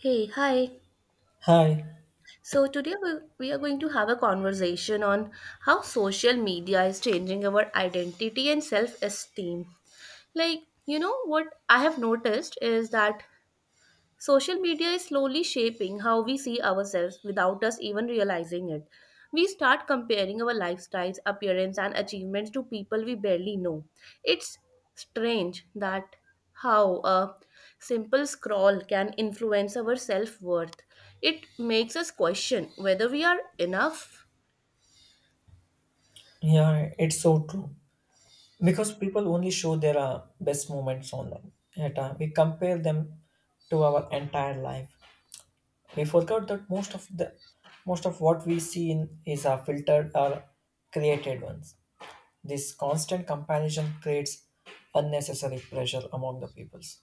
Hey, hi. Hi, So we are going to have a conversation on how social media is changing our identity and self esteem. What I have noticed is that social media is slowly shaping how we see ourselves without us even realizing it. We start comparing our lifestyles, appearance, and achievements to people we barely know. It's strange that how a simple scroll can influence our self worth. It makes us question whether we are enough. yeah, it's so true. Because people only show their best moments online. Yet, we compare them to our entire life. We forgot that most of what we see in is filtered or created ones. This constant comparison creates unnecessary pressure among the peoples.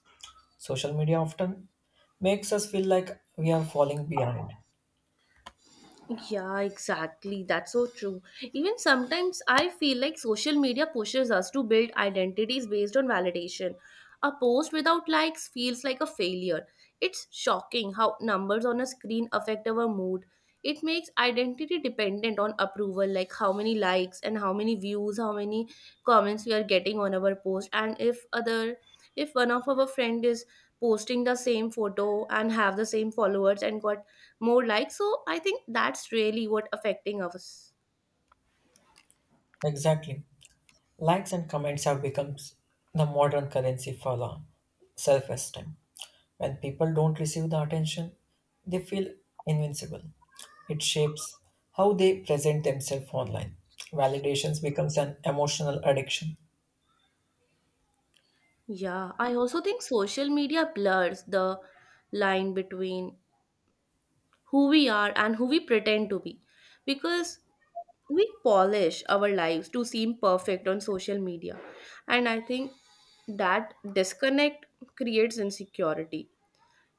Social media often makes us feel like we are falling behind. Yeah, exactly. That's so true. Even sometimes I feel like social media pushes us to build identities based on validation. A post without likes feels like a failure. It's shocking how numbers on a screen affect our mood. It makes identity dependent on approval, like how many likes and how many views, how many comments we are getting on our post, and if one of our friend is posting the same photo and have the same followers and got more likes, so I think that's really what affecting us. Exactly. Likes and comments have become the modern currency for the self esteem. When people don't receive the attention, they feel invincible. It shapes how they present themselves online. Validations becomes an emotional addiction. Yeah, I also think social media blurs the line between who we are and who we pretend to be, because we polish our lives to seem perfect on social media, and I think that disconnect creates insecurity.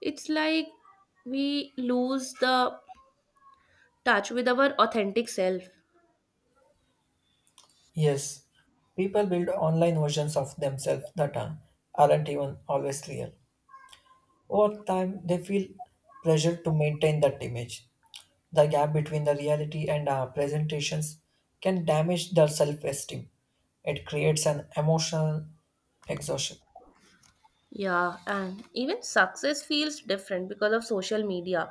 It's like we lose the touch with our authentic self. Yes, people build online versions of themselves that aren't even always real. Over time, they feel pressure to maintain that image. The gap between the reality and presentations can damage the self esteem. It creates an emotional exhaustion. Yeah, and even success feels different because of social media.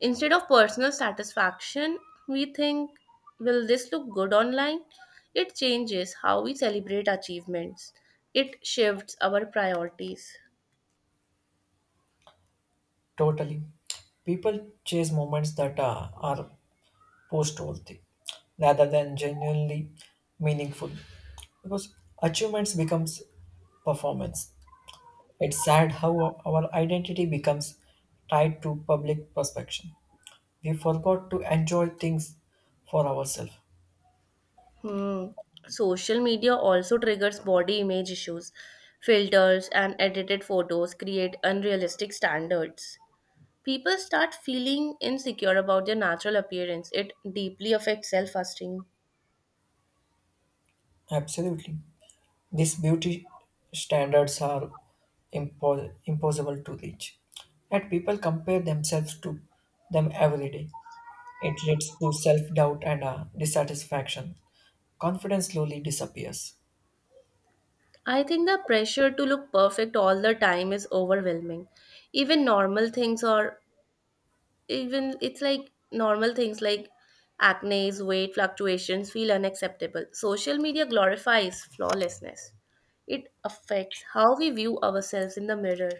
Instead of personal satisfaction, we think, will this look good online? It changes how we celebrate achievements, it shifts our priorities. Totally. People chase moments that are post worthy rather than genuinely meaningful, because achievements becomes performance. It's sad how our identity becomes tied to public perception. We forgot to enjoy things for ourselves. Hmm. Social media also triggers body image issues. Filters and edited photos create unrealistic standards. People start feeling insecure about their natural appearance. It deeply affects self esteem. Absolutely. These beauty standards are impossible to reach. Yet people compare themselves to them every day. It leads to self doubt and dissatisfaction. Confidence slowly disappears. I think the pressure to look perfect all the time is overwhelming. Even normal things or even it's like normal things like acne, weight fluctuations feel unacceptable. Social media glorifies flawlessness. It affects how we view ourselves in the mirror.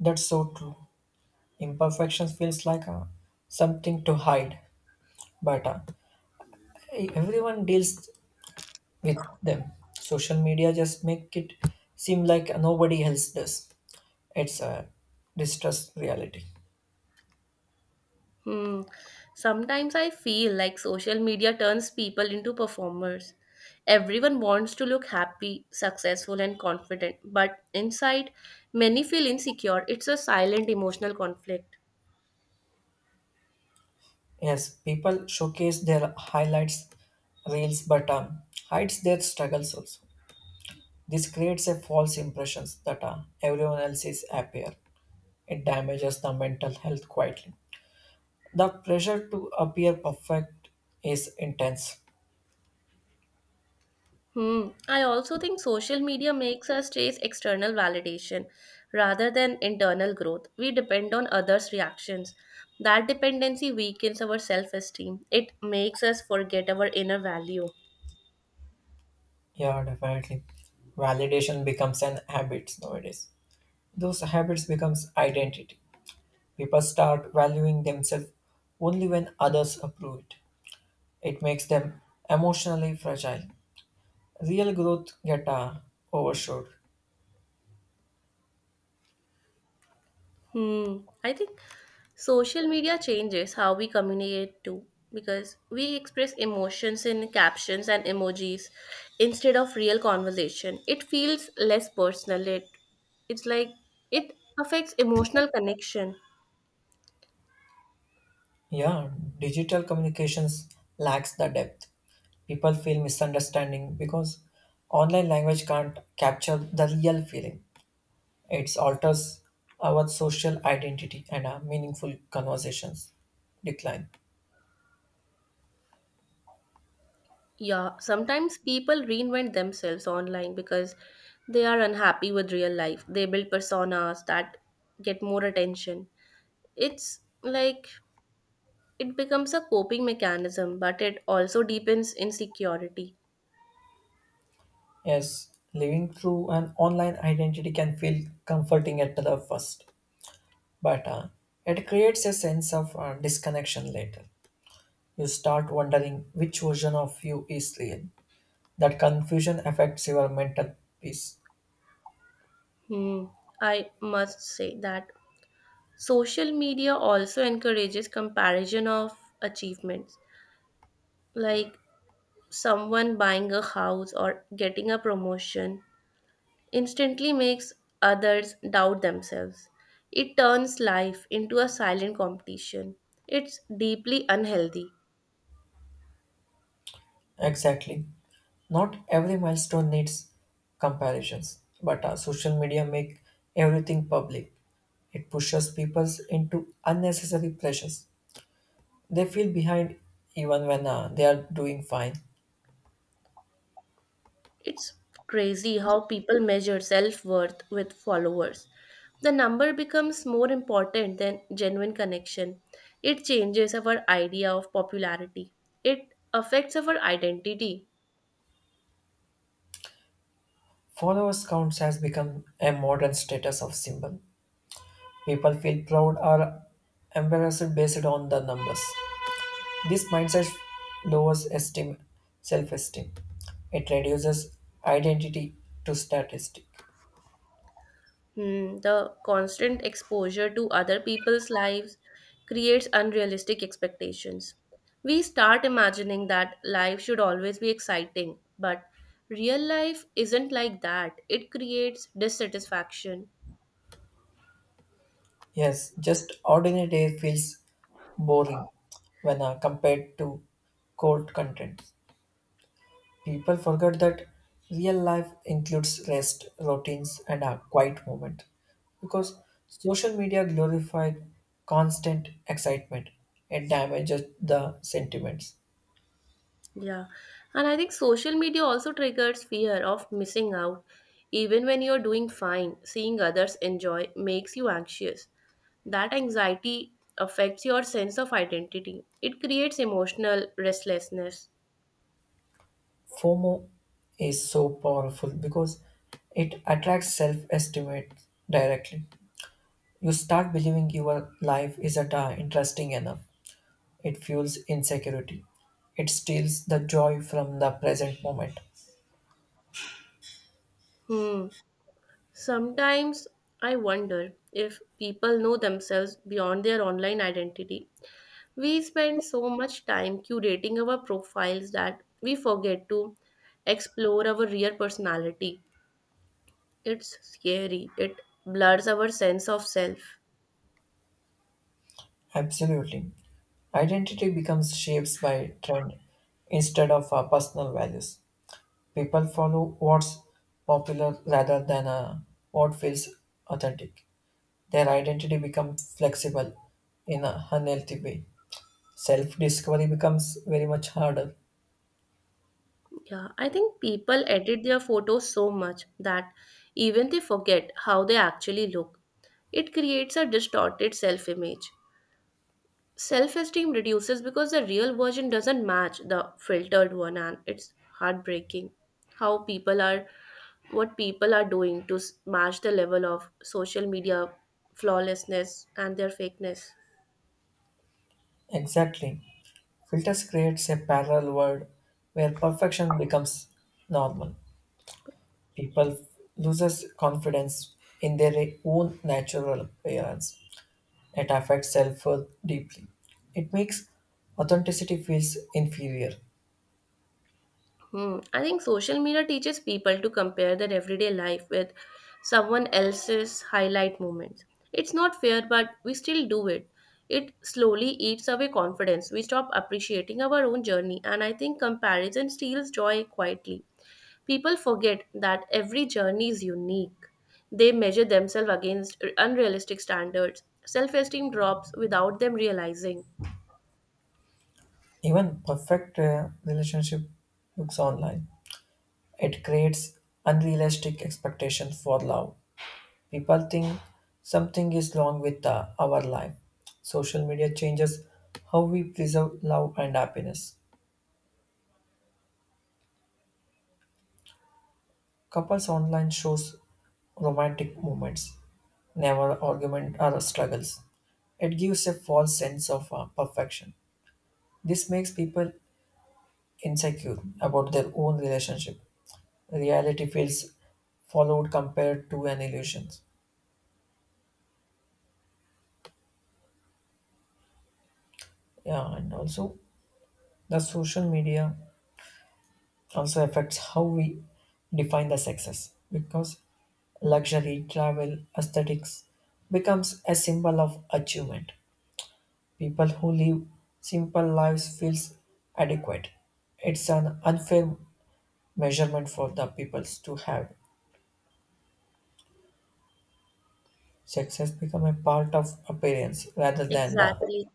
That's so true. Imperfection feels like something to hide, but everyone deals with them. Social media just make it seem like nobody else does. It's a distrust reality. Hmm. Sometimes I feel like social media turns people into performers. Everyone wants to look happy, successful, and confident, but inside, many feel insecure. It's a silent emotional conflict. Yes, people showcase their highlights reels but hides their struggles also. This creates a false impression that everyone else is happier. It damages the mental health quietly. The pressure to appear perfect is intense. Hmm. I also think social media makes us chase external validation rather than internal growth. We depend on others' reactions. That dependency weakens our self esteem, it makes us forget our inner value. Yeah, definitely. Validation becomes an habit nowadays. Those habits becomes identity. People start valuing themselves only when others approve it. It makes them emotionally fragile. Real growth get overshot. Hmm. I think social media changes how we communicate too, because we express emotions in captions and emojis instead of real conversation. It feels less personal. It it's like it affects emotional connection. Yeah, digital communications lacks the depth. People feel misunderstanding because online language can't capture the real feeling. It alters our social identity, and our meaningful conversations decline. Yeah, sometimes people reinvent themselves online because they are unhappy with real life. They build personas that get more attention. It's like It becomes a coping mechanism, but it also deepens insecurity. Yes, living through an online identity can feel comforting at the first, but it creates a sense of disconnection later. You start wondering which version of you is real. That confusion affects your mental peace. Hmm. I must say that social media also encourages comparison of achievements, like someone buying a house or getting a promotion instantly makes others doubt themselves. It turns life into a silent competition. It's deeply unhealthy. Exactly. Not every milestone needs comparisons, but social media make everything public. It pushes people into unnecessary pressures. They feel behind even when they are doing fine. It's crazy how people measure self worth with followers. The number becomes more important than genuine connection. It changes our idea of popularity. It affects our identity. Followers counts has become a modern status of symbol. People feel proud or embarrassed based on the numbers. This mindset lowers esteem, self-esteem. It reduces identity to statistic. Hmm, the constant exposure to other people's lives creates unrealistic expectations. We start imagining that life should always be exciting, but real life isn't like that. It creates dissatisfaction. Yes, just ordinary day feels boring when compared to cold content. People forget that real life includes rest, routines, and a quiet moment, because social media glorified constant excitement. It damages the sentiments. Yeah, and I think social media also triggers fear of missing out. Even when you're doing fine, seeing others enjoy makes you anxious. That anxiety affects your sense of identity, it creates emotional restlessness. FOMO is so powerful because it attracts self estimate directly. You start believing your life isn't interesting enough. It fuels insecurity. It steals the joy from the present moment. Hmm. Sometimes I wonder if people know themselves beyond their online identity. We spend so much time curating our profiles that we forget to explore our real personality. It's scary. It blurs our sense of self. Absolutely. Identity becomes shaped by trend instead of personal values. People follow what's popular rather than what feels authentic. Their identity becomes flexible in a unhealthy way. Self discovery becomes very much harder. Yeah, I think people edit their photos so much that even they forget how they actually look. It creates a distorted self image. Self esteem reduces because the real version doesn't match the filtered one, and it's heartbreaking how people are what people are doing to match the level of social media flawlessness and their fakeness. Exactly. Filters creates a parallel world where perfection becomes normal. People loses confidence in their own natural appearance. It affects self-worth deeply. It makes authenticity feels inferior. Hmm. I think social media teaches people to compare their everyday life with someone else's highlight moments. It's not fair, but we still do it. It slowly eats away confidence. We stop appreciating our own journey, and I think comparison steals joy quietly. People forget that every journey is unique. They measure themselves against unrealistic standards. Self esteem drops without them realizing. Even perfect relationship looks online. It creates unrealistic expectations for love. People think something is wrong with our life. Social media changes how we preserve love and happiness. Couples online shows romantic moments, never argument or struggles. It gives a false sense of perfection. This makes people insecure about their own relationship. Reality feels followed compared to an illusion. Yeah, and also the social media also affects how we define the success, because luxury travel aesthetics becomes a symbol of achievement. People who live simple lives feels adequate. It's an unfair measurement for the peoples to have. Success become a part of appearance rather than the Exactly.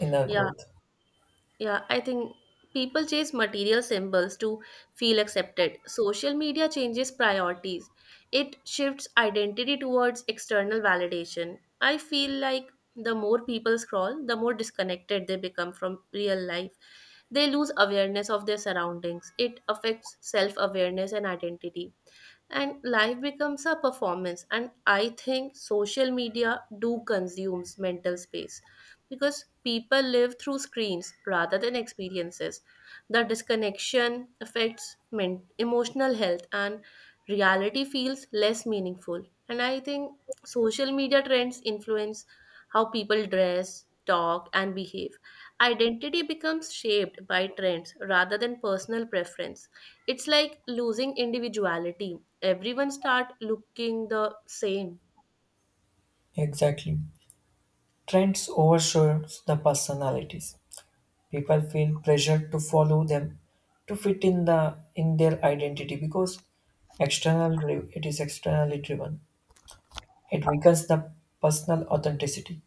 inner Yeah, growth. Yeah, I think people chase material symbols to feel accepted. Social media changes priorities, it shifts identity towards external validation. I feel like the more people scroll, the more disconnected they become from real life. They lose awareness of their surroundings, it affects self awareness and identity, and life becomes a performance. And I think social media do consumes mental space, because people live through screens rather than experiences. The disconnection affects emotional health, and reality feels less meaningful. And I think social media trends influence how people dress, talk and behave. Identity becomes shaped by trends rather than personal preference. It's like losing individuality. Everyone start looking the same. Exactly. Trends overshadows the personalities. People feel pressured to follow them to fit in the in their identity because it is externally driven. It weakens the personal authenticity.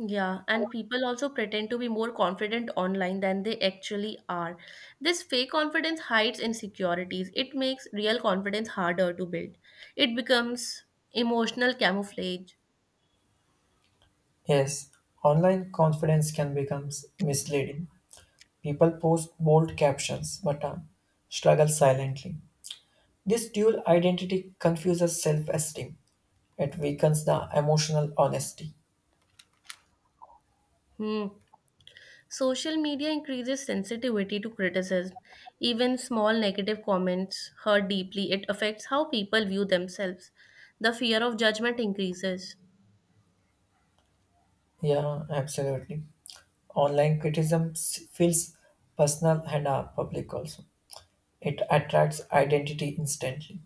Yeah, and people also pretend to be more confident online than they actually are. This fake confidence hides insecurities. It makes real confidence harder to build. It becomes emotional camouflage. Yes, online confidence can become misleading. People post bold captions but struggle silently. This dual identity confuses self esteem. It weakens the emotional honesty. Hmm. Social media increases sensitivity to criticism. Even small negative comments hurt deeply. It affects how people view themselves. The fear of judgment increases. Yeah, absolutely. Online criticism feels personal and public also. It attracts identity instantly.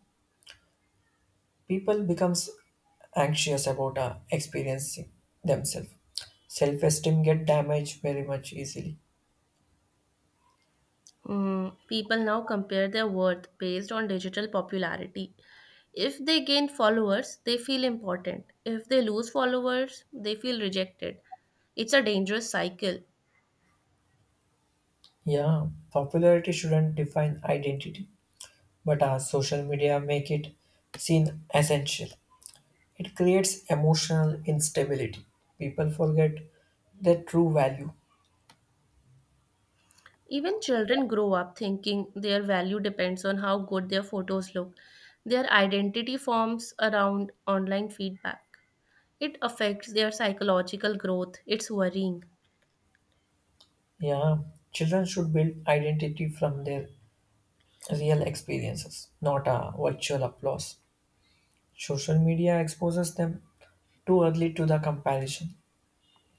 People becomes anxious about experiencing themselves. Self-esteem get damaged very much easily. Mm, people now compare their worth based on digital popularity. If they gain followers, they feel important. If they lose followers, they feel rejected. It's a dangerous cycle. Yeah, popularity shouldn't define identity, but our social media make it seem essential. It creates emotional instability. People forget their true value. Even children grow up thinking their value depends on how good their photos look. Their identity forms around online feedback. It affects their psychological growth. It's worrying. Yeah, children should build identity from their real experiences, not a virtual applause. Social media exposes them too early to the comparison.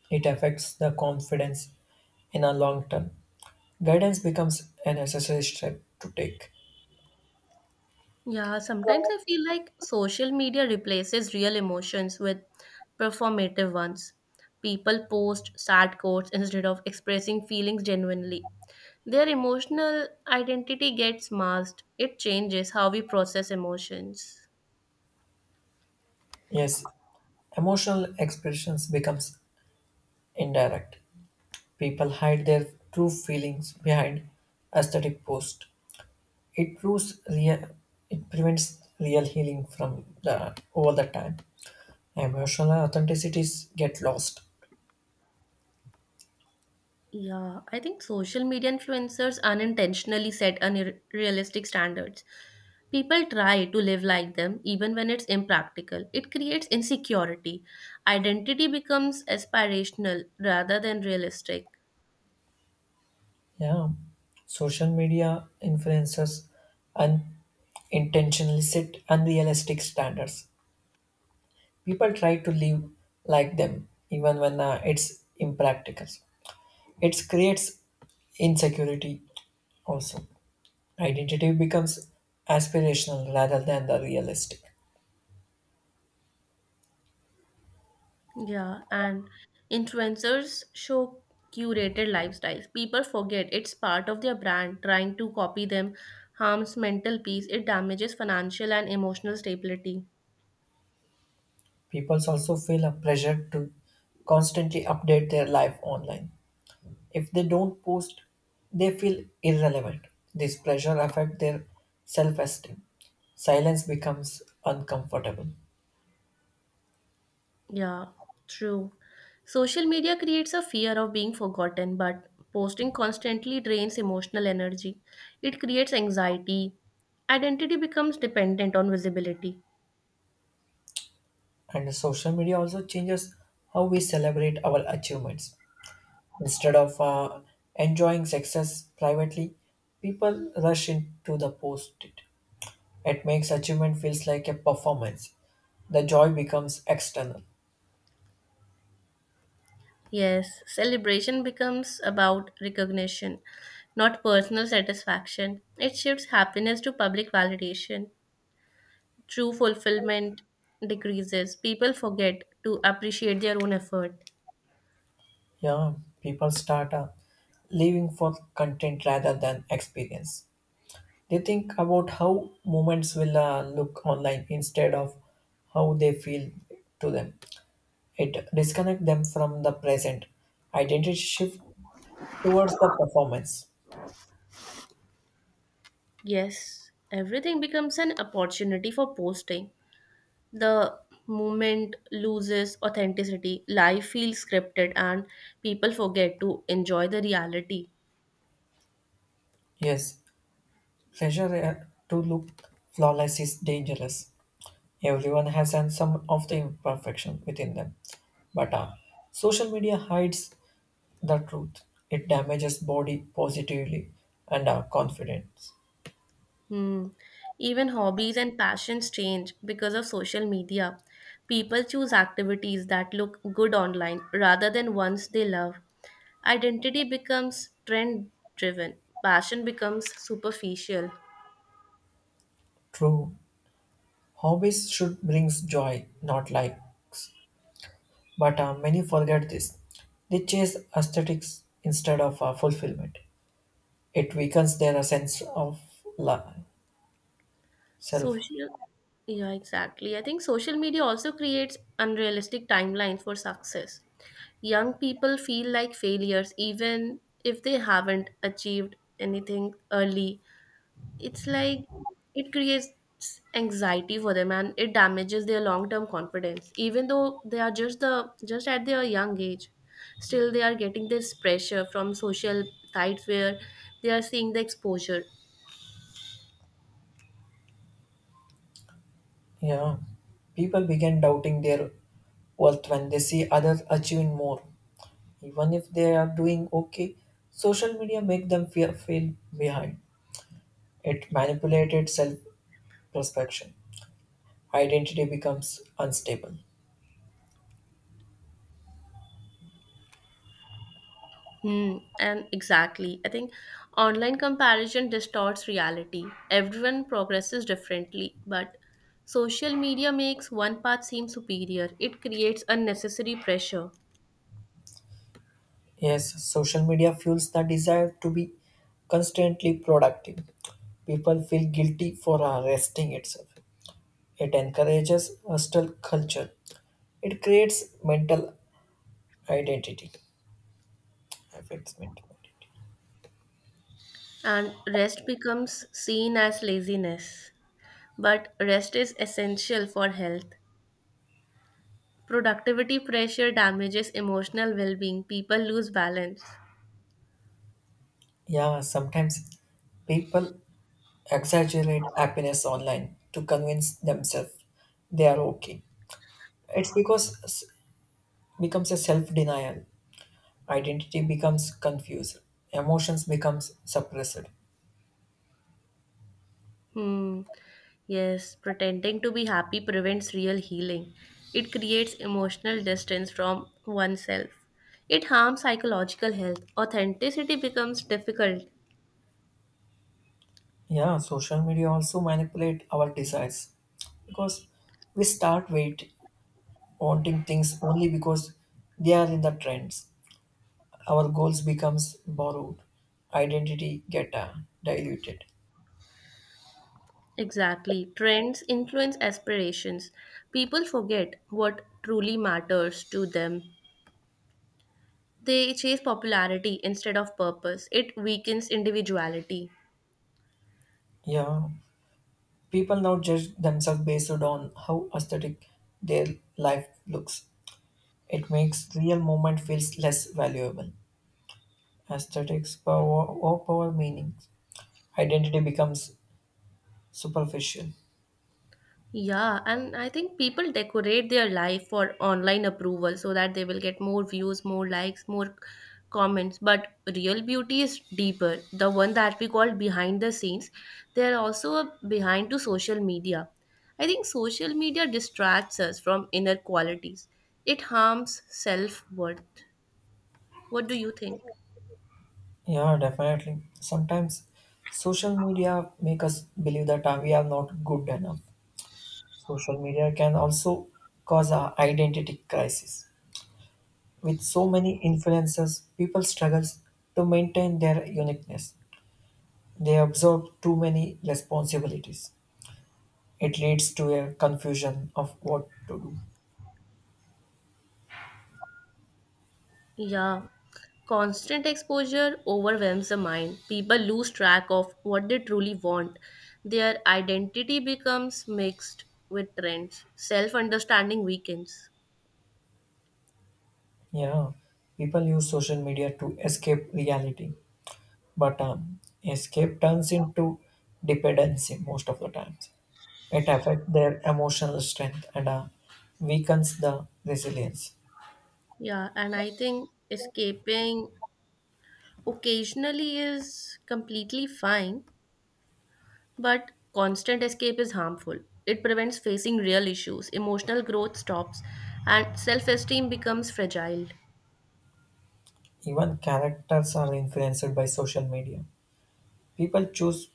It affects the confidence in a long term. Guidance becomes a necessary step to take. Yeah, sometimes I feel like social media replaces real emotions with performative ones. People post sad quotes instead of expressing feelings genuinely. Their emotional identity gets masked. It changes how we process emotions. Yes, emotional expressions becomes indirect. People hide their true feelings behind aesthetic post. It proves real, it prevents real healing from the over the time. Emotional authenticities get lost. Yeah, I think social media influencers unintentionally set unrealistic standards. People try to live like them even when it's impractical. It creates insecurity. Identity becomes aspirational rather than realistic. Yeah. Social media influencers unintentionally set unrealistic standards. People try to live like them, even when it's impractical. It creates insecurity also. Identity becomes aspirational rather than the realistic. Yeah, and influencers show curated lifestyles. People forget it's part of their brand. Trying to copy them harms mental peace, it damages financial and emotional stability. People also feel a pressure to constantly update their life online. If they don't post, they feel irrelevant. This pressure affects their self-esteem. Silence becomes uncomfortable. Yeah, true. Social media creates a fear of being forgotten, but posting constantly drains emotional energy. It creates anxiety. Identity becomes dependent on visibility. And social media also changes how we celebrate our achievements. Instead of enjoying success privately, people rush into the post it. It makes achievement feels like a performance. The joy becomes external. Yes, celebration becomes about recognition, not personal satisfaction. It shifts happiness to public validation. True fulfillment decreases. People forget to appreciate their own effort. Yeah, people start living for content rather than experience. They think about how moments will look online instead of how they feel to them. It disconnects them from the present. Identity shift towards the performance. Yes, everything becomes an opportunity for posting. The movement loses authenticity, life feels scripted, and people forget to enjoy the reality. Yes. Pressure to look flawless is dangerous. Everyone has and some of the imperfection within them. But social media hides the truth. It damages body positively and confidence. Hmm. Even hobbies and passions change because of social media. People choose activities that look good online rather than ones they love. Identity becomes trend driven, passion becomes superficial. True, hobbies should bring joy, not likes. But many forget this. They chase aesthetics instead of fulfillment. It weakens their sense of la- self. Social, yeah, exactly. I think social media also creates unrealistic timelines for success. Young people feel like failures even if they haven't achieved anything early. It's like it creates anxiety for them, and it damages their long-term confidence. Even though they are just at their young age, still they are getting this pressure from social sites where they are seeing the exposure. Yeah, people begin doubting their worth when they see others achieving more, even if they are doing okay. Social media make them feel behind. It manipulated self-perception. Identity becomes unstable. Hmm, and exactly. I think online comparison distorts reality. Everyone progresses differently, but social media makes one path seem superior. It creates unnecessary pressure, Yes, social media fuels the desire to be constantly productive. People feel guilty for resting itself. It encourages hostile culture. It creates mental identity. Affects mental identity. and rest becomes seen as laziness. But rest is essential for health. Productivity pressure damages emotional well being. People lose balance. Yeah, sometimes people exaggerate happiness online to convince themselves they are okay. It's becomes a self-denial. Identity becomes confused. Emotions becomes suppressed. Hmm. Yes, pretending to be happy prevents real healing. It creates emotional distance from oneself. It harms psychological health. Authenticity becomes difficult. Yeah, social media also manipulate our desires, because we start wait wanting things only because they are in the trends. Our goals becomes borrowed. Identity get diluted. Exactly. Trends influence aspirations. People forget what truly matters to them. They chase popularity instead of purpose. It weakens individuality. Yeah, people now judge themselves based on how aesthetic their life looks. It makes real moment feels less valuable. Aesthetics power overpower meaning. Identity becomes superficial. Yeah, and I think people decorate their life for online approval so that they will get more views, more likes, more comments. But real beauty is deeper. The one that we call behind the scenes, they're also a behind to social media. I think social media distracts us from inner qualities. It harms self-worth. What do you think? Yeah, definitely. Sometimes social media make us believe that we are not good enough. Social media can also cause a identity crisis. With so many influences, people struggles to maintain their uniqueness. They absorb too many responsibilities. It leads to a confusion of what to do. Yeah, constant exposure overwhelms the mind. People lose track of what they truly want. Their identity becomes mixed with trends. Self understanding weakens. Yeah, people use social media to escape reality, but escape turns into dependency most of the times. It affects their emotional strength and weakens the resilience. Yeah, and I think escaping occasionally is completely fine, but constant escape is harmful. It prevents facing real issues, emotional growth stops, and self esteem becomes fragile. Even characters are influenced by social media. People choose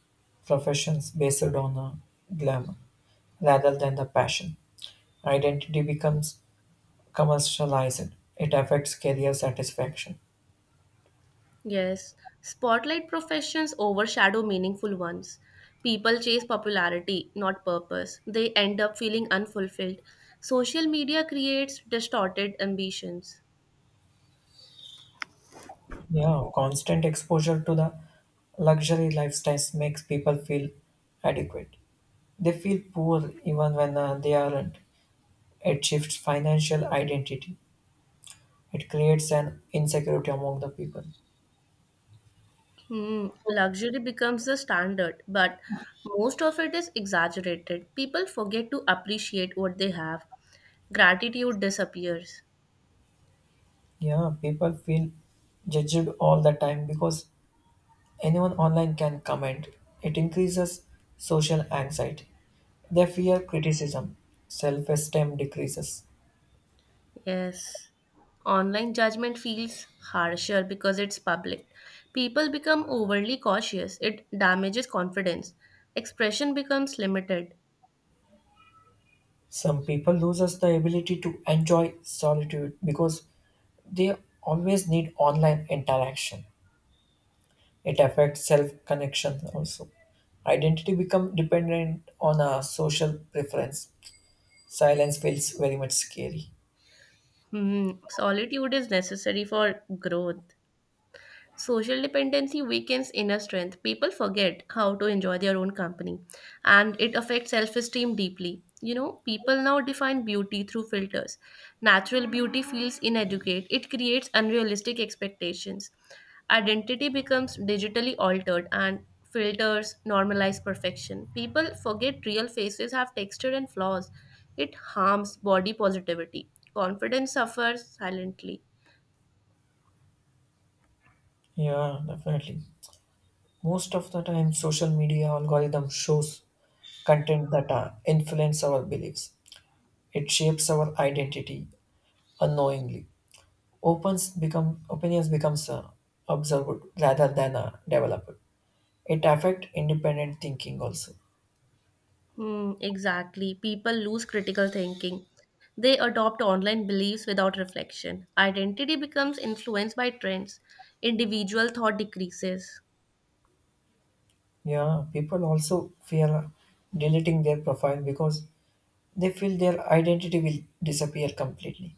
professions based on glamour rather than the passion. Identity becomes commercialized. It affects career satisfaction. Yes, spotlight professions overshadow meaningful ones. People chase popularity, not purpose. They end up feeling unfulfilled. Social media creates distorted ambitions. Yeah, constant exposure to the luxury lifestyles makes people feel adequate. They feel poor even when they aren't. It shifts financial identity. It creates an insecurity among the people. Hmm, luxury becomes the standard, but most of it is exaggerated. People forget to appreciate what they have. Gratitude disappears. Yeah, people feel judged all the time because anyone online can comment. It increases social anxiety. They fear criticism. Self esteem decreases. Yes. Online judgment feels harsher because it's public. People become overly cautious. It damages confidence. Expression becomes limited. Some people loses the ability to enjoy solitude because they always need online interaction. It affects self connection also. Identity become dependent on a social preference. Silence feels very much scary. Hmm. Solitude is necessary for growth. Social dependency weakens inner strength. People forget how to enjoy their own company, and it affects self esteem deeply. You know, people now define beauty through filters. Natural beauty feels inadequate, it creates unrealistic expectations. Identity becomes digitally altered, and filters normalize perfection. People forget real faces have texture and flaws. It harms body positivity. Confidence suffers silently. Yeah, definitely. Most of the time, social media algorithm shows content that influence our beliefs. It shapes our identity unknowingly. Opens become opinions becomes observed rather than developed. It affects independent thinking also. Hmm, exactly. People lose critical thinking. They adopt online beliefs without reflection. Identity becomes influenced by trends. Individual thought decreases. Yeah, people also fear deleting their profile, because they feel their identity will disappear completely.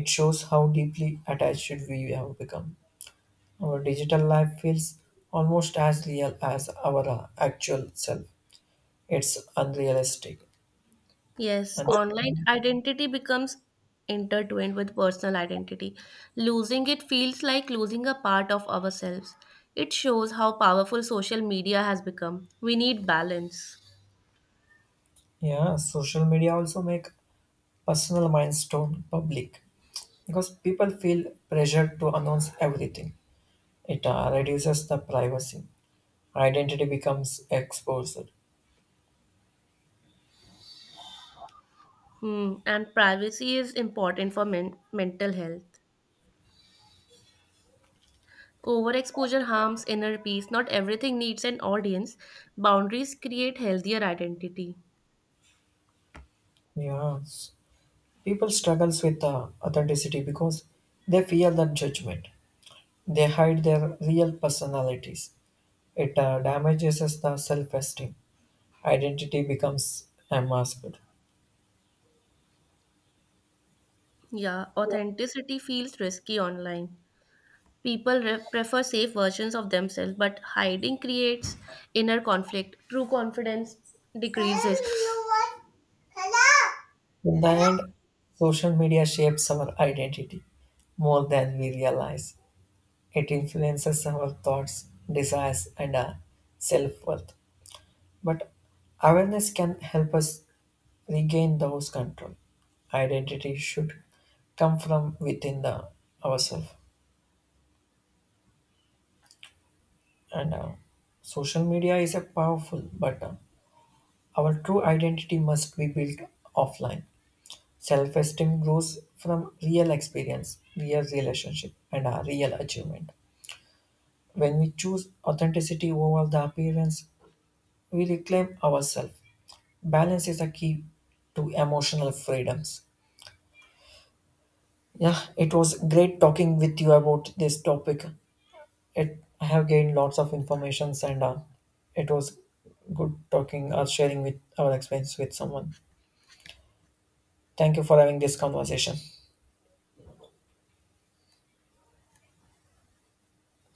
It shows how deeply attached we have become. Our digital life feels almost as real as our actual self. It's unrealistic. Yes, And online identity becomes intertwined with personal identity. Losing it feels like losing a part of ourselves. It shows how powerful social media has become. We need balance. yeah, social media also make personal milestone public, because people feel pressured to announce everything. It reduces the privacy. Identity becomes exposed. Hmm, and privacy is important for mental health. Overexposure harms inner peace. Not everything needs an audience. Boundaries create healthier identity. Yeah, people struggles with authenticity because they fear that judgment. They hide their real personalities. It damages us the self-esteem. Identity becomes unmasked. Yeah, authenticity feels risky online. People prefer safe versions of themselves, but hiding creates inner conflict. True confidence decreases. In the end, social media shapes our identity more than we realize. It influences our thoughts, desires, and self worth. But awareness can help us regain those control. Identity should come from within the ourselves. And social media is a powerful, but our true identity must be built offline. Self esteem grows from real experience, real relationship, and a real achievement. When we choose authenticity over the appearance, we reclaim ourselves. Balance is a key to emotional freedoms. Yeah, it was great talking with you about this topic. It, I have gained lots of informations and it was good talking or sharing with our experience with someone. Thank you for having this conversation.